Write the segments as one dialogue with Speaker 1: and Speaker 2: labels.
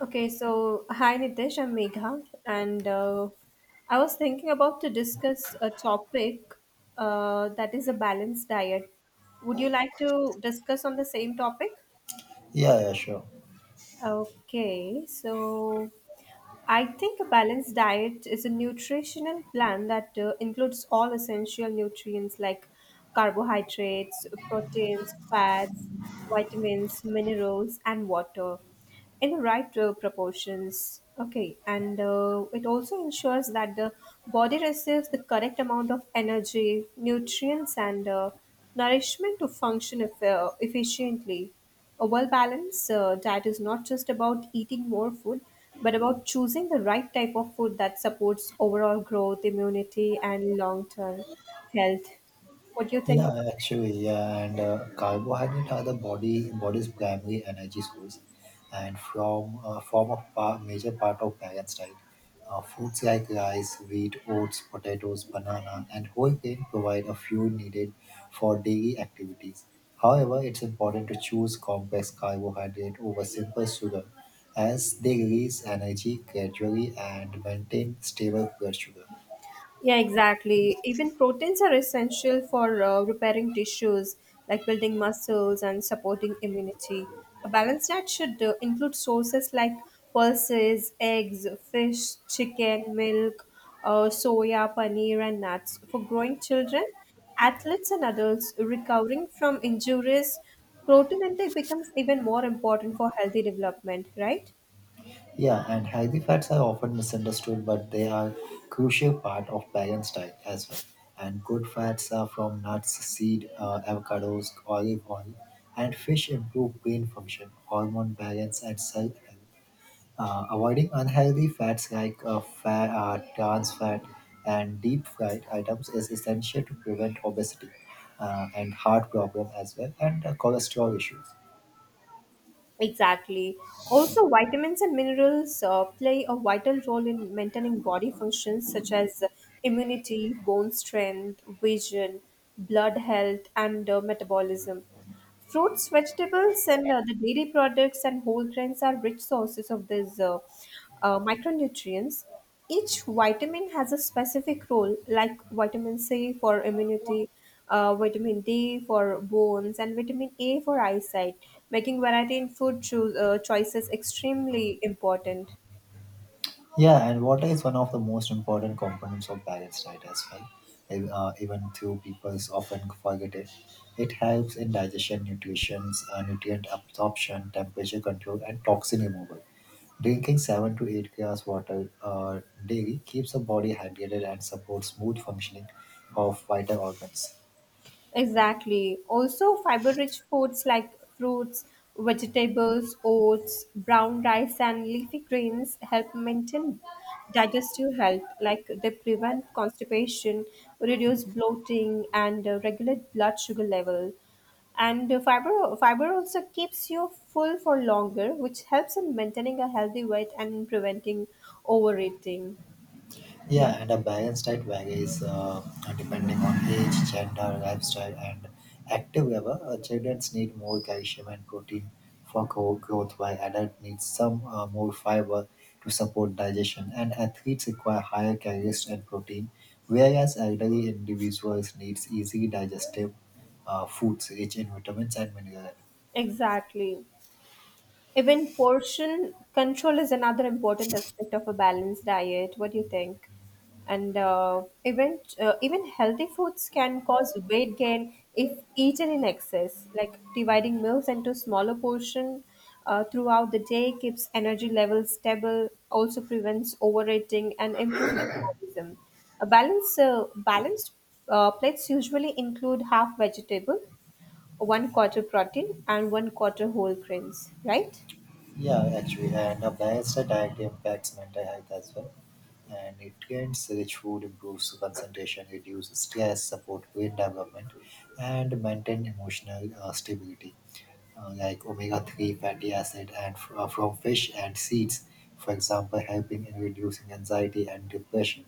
Speaker 1: Okay, so hi Nitesh, I'm Megha, and I was thinking about to discuss a topic that is a balanced diet. Would you like to discuss on the same topic?
Speaker 2: Yeah, yeah, sure.
Speaker 1: Okay, so I think a balanced diet is a nutritional plan that includes all essential nutrients like carbohydrates, proteins, fats, vitamins, minerals, and water in the right proportions. Okay, and it also ensures that the body receives the correct amount of energy, nutrients, and nourishment to function efficiently. A well balanced diet is not just about eating more food, but about choosing the right type of food that supports overall growth, immunity, and long term health. What do you think?
Speaker 2: Yeah, actually, yeah, and Carbohydrate are the body's primary energy source, and from form of major part of balanced diet. Foods like rice, wheat, oats, potatoes, banana, and whole grain provide a fuel needed for daily activities. However, it's important to choose complex carbohydrate over simple sugar, as they release energy gradually and maintain stable blood sugar.
Speaker 1: Yeah, exactly. Even proteins are essential for repairing tissues, like building muscles and supporting immunity. A balanced diet should include sources like pulses, eggs, fish, chicken, milk, soya, paneer, and nuts. For growing children, athletes, and adults recovering from injuries, protein intake becomes even more important for healthy development, right?
Speaker 2: Yeah, and healthy fats are often misunderstood, but they are crucial part of balanced diet as well. And good fats are from nuts, seed, avocados, olive oil, and fish improve brain function, hormone balance, and cell health. Avoiding unhealthy fats like trans fat and deep fried items is essential to prevent obesity and heart problem as well and cholesterol issues.
Speaker 1: Exactly. Also, vitamins and minerals play a vital role in maintaining body functions such as immunity, bone strength, vision, blood health, and metabolism. Fruits, vegetables, and the dairy products and whole grains are rich sources of these micronutrients. Each vitamin has a specific role, like vitamin C for immunity, vitamin D for bones, and vitamin A for eyesight, making variety in food choices extremely important.
Speaker 2: Yeah, and water is one of the most important components of balanced diet as well. Even though people often forget it, it helps in digestion, nutrient absorption, temperature control, and toxin removal. Drinking seven to eight glasses water daily keeps the body hydrated and supports smooth functioning of vital organs.
Speaker 1: Exactly. Also, fiber rich foods like fruits, vegetables, oats, brown rice, and leafy greens help maintain digestive health, like they prevent constipation, reduce bloating, and regulate blood sugar level. And fiber also keeps you full for longer, which helps in maintaining a healthy weight and in preventing overeating.
Speaker 2: Yeah, and a balanced diet varies depending on age, gender, lifestyle, and active level. Children need more calcium and protein for growth, while adult needs some more fiber to support digestion. And athletes require higher calories and protein, whereas elderly individuals needs easily digestive foods rich in vitamins and minerals.
Speaker 1: Exactly. Even portion control is another important aspect of a balanced diet. What do you think? And even healthy foods can cause weight gain if eaten in excess. Like dividing meals into smaller portion throughout the day keeps energy levels stable. Also prevents overeating and improves metabolism. A balanced plates usually include half vegetable, one quarter protein, and one quarter whole grains. Right?
Speaker 2: And a balanced diet impacts mental health as well. And nutrients rich food improves concentration, reduces stress, support brain development, and maintain emotional stability, like omega-3 fatty acid and from fish and seeds, for example, helping in reducing anxiety and depression,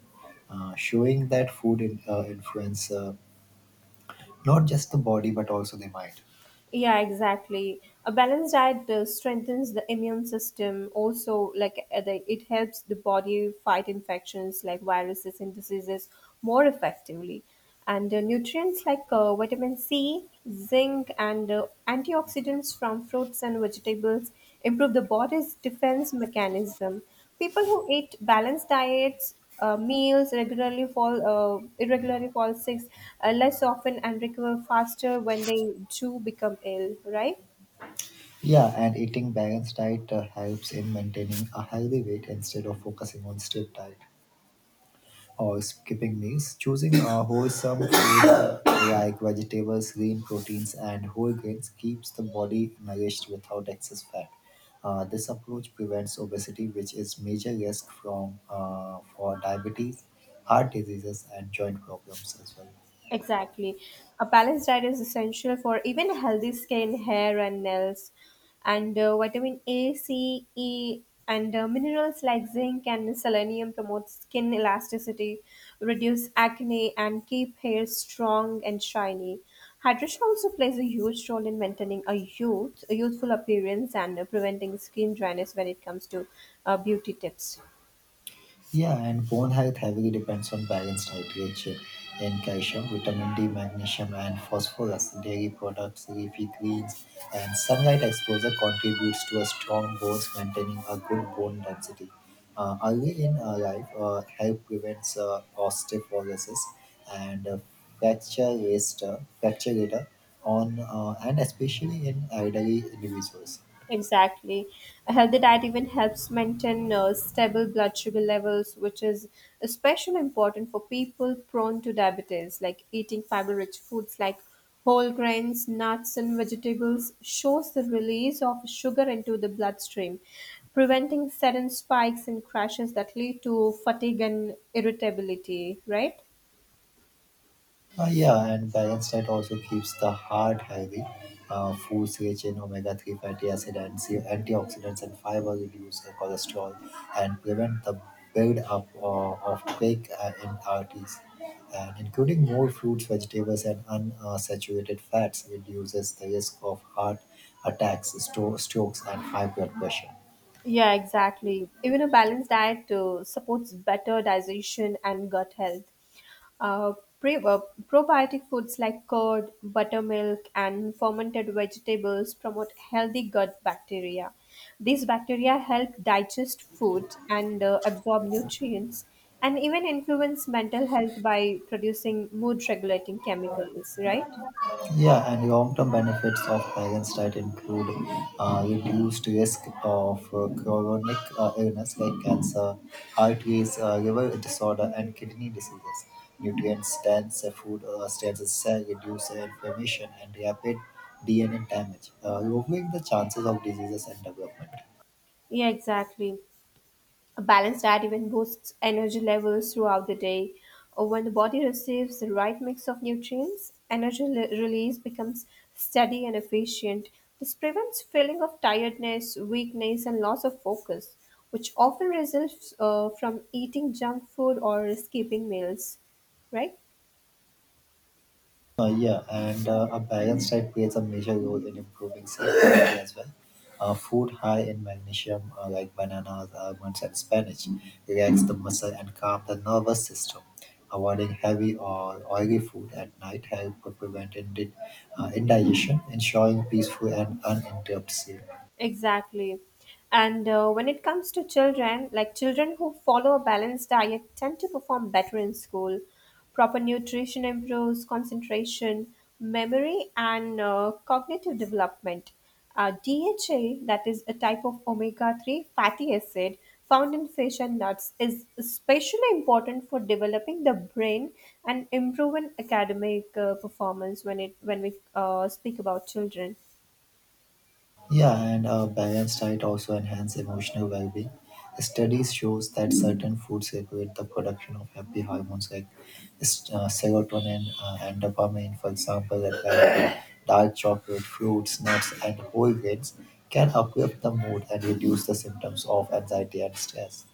Speaker 2: showing that food influence not just the body but also the mind.
Speaker 1: Yeah, exactly. A balanced diet strengthens the immune system. Also, like it helps the body fight infections like viruses and diseases more effectively. And nutrients like vitamin C, zinc, and antioxidants from fruits and vegetables improve the body's defense mechanism. People who eat balanced diets meals regularly fall irregularly fall sick less often and recover faster when they do become ill, right?
Speaker 2: Yeah, and eating balanced diet helps in maintaining a healthy weight instead of focusing on strict diet or skipping meals. Choosing a wholesome food like vegetables, green proteins, and whole grains keeps the body nourished without excess fat. This approach prevents obesity, which is major risk from for diabetes, heart diseases, and joint problems as well.
Speaker 1: Exactly. A balanced diet is essential for even healthy skin, hair, and nails. And vitamin A, C, E, and minerals like zinc and selenium promote skin elasticity, reduce acne, and keep hair strong and shiny. Hydration also plays a huge role in maintaining a a youthful appearance, and preventing skin dryness when it comes to beauty tips.
Speaker 2: Yeah, and bone health heavily depends on balanced diet, rich in calcium, vitamin D, magnesium, and phosphorus. Dairy products, leafy greens, and sunlight exposure contributes to a strong bones, maintaining a good bone density. Early in life, help prevents osteoporosis and fracture later on, and especially in elderly individuals.
Speaker 1: Exactly. A healthy diet even helps maintain stable blood sugar levels, which is especially important for people prone to diabetes. Like eating fiber rich foods like whole grains, nuts, and vegetables shows the release of sugar into the bloodstream, preventing sudden spikes and crashes that lead to fatigue and irritability, right?
Speaker 2: Yeah, and balanced diet also keeps the heart healthy. Foods rich in omega-3 fatty acid and antioxidants and fiber reduce the cholesterol and prevent the build-up of plaque in arteries. And including more fruits, vegetables, and unsaturated fats reduces the risk of heart attacks, strokes, and high blood pressure.
Speaker 1: Yeah, exactly. Even a balanced diet supports better digestion and gut health. Uh, pre- uh, Probiotic foods like curd, buttermilk, and fermented vegetables promote healthy gut bacteria. These bacteria help digest food and absorb nutrients and even influence mental health by producing mood regulating chemicals, right?
Speaker 2: Yeah, and long-term benefits of balanced diet include reduced risk of chronic illness like cancer, heart disease, liver disorder, and kidney diseases. Nutrient-dense food stains reduce inflammation and rapid DNA damage, lowering the chances of diseases and development.
Speaker 1: Yeah, exactly. A balanced diet even boosts energy levels throughout the day. When the body receives the right mix of nutrients, release becomes steady and efficient. This prevents feeling of tiredness, weakness, and loss of focus, which often results from eating junk food or skipping meals, right?
Speaker 2: Yeah, and a balanced diet plays a major role in improving self-esteem as well. Food high in magnesium, like bananas, almonds, and spinach, relax the muscle and calm the nervous system. Avoiding heavy or oily food at night help prevent indigestion, ensuring peaceful and uninterrupted sleep.
Speaker 1: Exactly. And when it comes to children, like children who follow a balanced diet tend to perform better in school. Proper nutrition improves concentration, memory, and cognitive development. DHA, that is a type of omega 3 fatty acid found in fish and nuts, is especially important for developing the brain and improving academic performance when we speak about children.
Speaker 2: Yeah, and a balanced diet also enhance emotional well-being. Studies shows that certain foods regulate the production of happy hormones like serotonin and dopamine. For example, that like dark chocolate, fruits, nuts, and whole grains can uplift the mood and reduce the symptoms of anxiety and stress.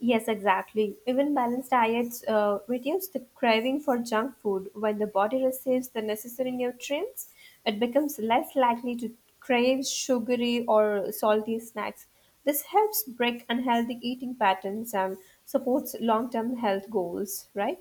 Speaker 1: Yes, exactly. Even balanced diets reduce the craving for junk food. When the body receives the necessary nutrients, it becomes less likely to crave sugary or salty snacks. This helps break unhealthy eating patterns and supports long term health goals, right?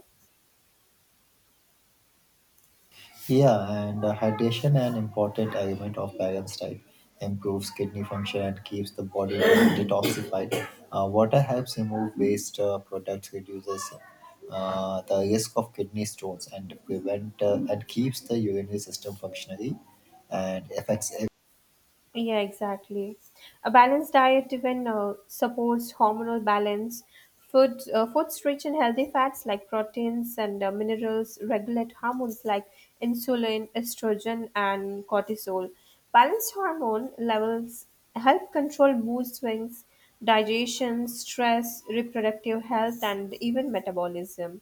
Speaker 2: Yeah, and Hydration an important element of balanced diet improves kidney function and keeps the body from detoxified. Water helps remove waste products, reduces the risk of kidney stones, and prevent and keeps the urinary system functionally, and affects.
Speaker 1: Yeah, exactly. A balanced diet even supports hormonal balance. Foods rich in healthy fats like proteins and minerals regulate hormones like insulin, estrogen, and cortisol. Balanced hormone levels help control mood swings, digestion, stress, reproductive health, and even metabolism.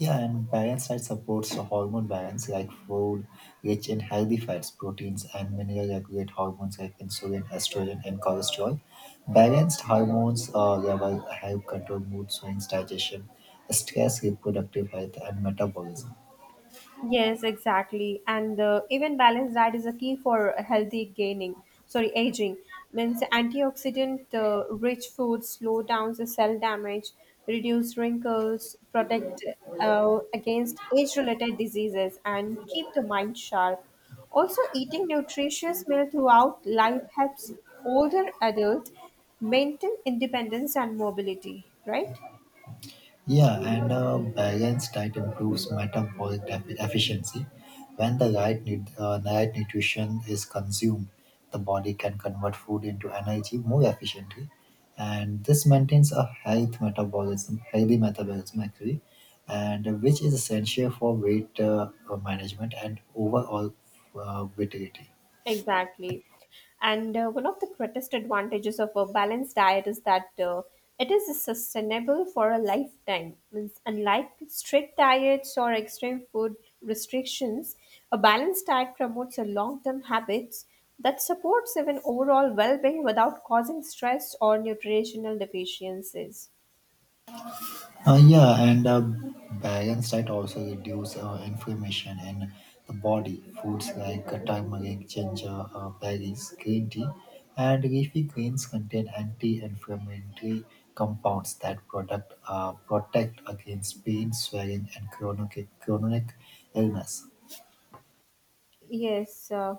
Speaker 2: Yeah, and balanced diet supports the hormone balance like food rich in healthy fats, proteins, and mineral regulate hormones like insulin, estrogen, and cholesterol. Balanced hormones level help control mood swings, digestion, stress, reproductive health, and metabolism.
Speaker 1: Yes, exactly. And the even balanced diet is a key for healthy gaining, sorry, aging. Means antioxidant rich foods slow down the cell damage, reduce wrinkles, protect against age related diseases, and keep the mind sharp. Also, eating nutritious meal throughout life helps older adults maintain independence and mobility, right?
Speaker 2: Yeah, and a balanced diet improves metabolic efficiency. When the right nutrition is consumed, the body can convert food into energy more efficiently, and this maintains a healthy metabolism actually, and which is essential for weight management and overall vitality.
Speaker 1: Exactly. And one of the greatest advantages of a balanced diet is that it is sustainable for a lifetime. Means unlike strict diets or extreme food restrictions, a balanced diet promotes a long-term habits that supports even overall well-being without causing stress or nutritional deficiencies.
Speaker 2: Yeah, and a balanced diet also reduce inflammation in the body. Foods like turmeric, ginger, berries, green tea, and leafy greens contain anti-inflammatory compounds that protect against pain, swelling, and chronic illness.
Speaker 1: Yes,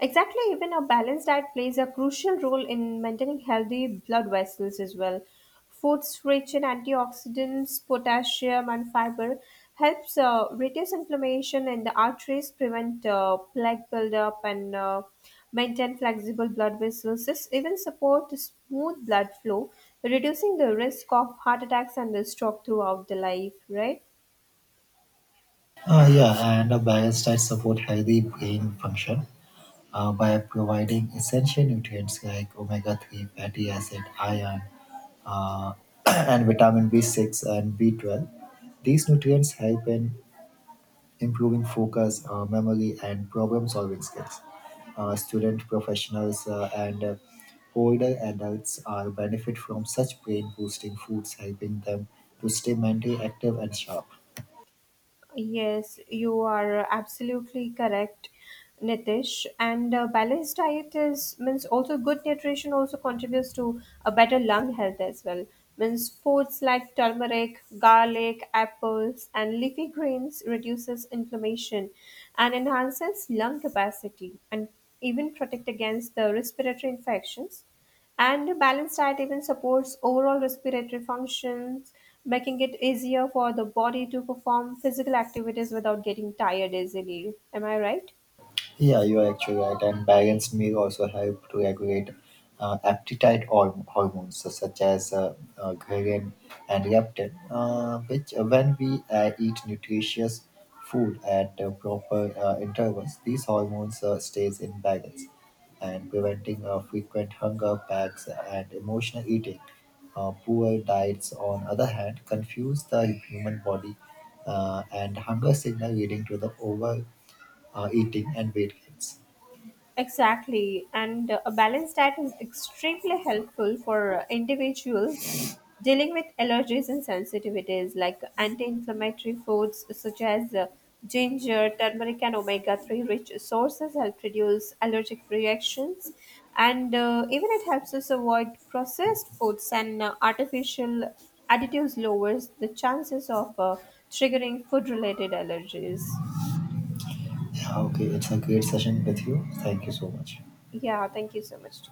Speaker 1: exactly. Even a balanced diet plays a crucial role in maintaining healthy blood vessels as well. Foods rich in antioxidants, potassium, and fiber helps reduce inflammation in the arteries, prevent plaque buildup, and maintain flexible blood vessels. This even support smooth blood flow, reducing the risk of heart attacks and the stroke throughout the life. Right?
Speaker 2: Yeah, and a balanced diet support healthy brain function by providing essential nutrients like omega-3 fatty acid, iron, uh, and vitamin B6 and B12. These nutrients help in improving focus, memory, and problem solving skills. Student professionals and older adults are benefit from such brain boosting foods, helping them to stay mentally active and sharp.
Speaker 1: Yes, you are absolutely correct, Nitish. And a balanced diet is means also good nutrition also contributes to a better lung health as well. Means foods like turmeric, garlic, apples, and leafy greens reduces inflammation and enhances lung capacity and even protect against the respiratory infections. And a balanced diet even supports overall respiratory functions, making it easier for the body to perform physical activities without getting tired easily. Am I right?
Speaker 2: Yeah, you are actually right. And balanced meal also help to regulate appetite hormones so such as ghrelin and leptin, which when we eat nutritious food at proper intervals, these hormones stays in balance and preventing frequent hunger packs and emotional eating. Poor diets, on other hand, confuse the human body and hunger signal leading to the over eating and weight gains.
Speaker 1: Exactly, and a balanced diet is extremely helpful for individuals dealing with allergies and sensitivities, like anti-inflammatory foods such as ginger, turmeric, and omega-3 rich sources help reduce allergic reactions, and even it helps us avoid processed foods and artificial additives lowers the chances of triggering food-related allergies.
Speaker 2: Yeah, okay. It's a great session with you. Thank you so much.
Speaker 1: Yeah, thank you so much.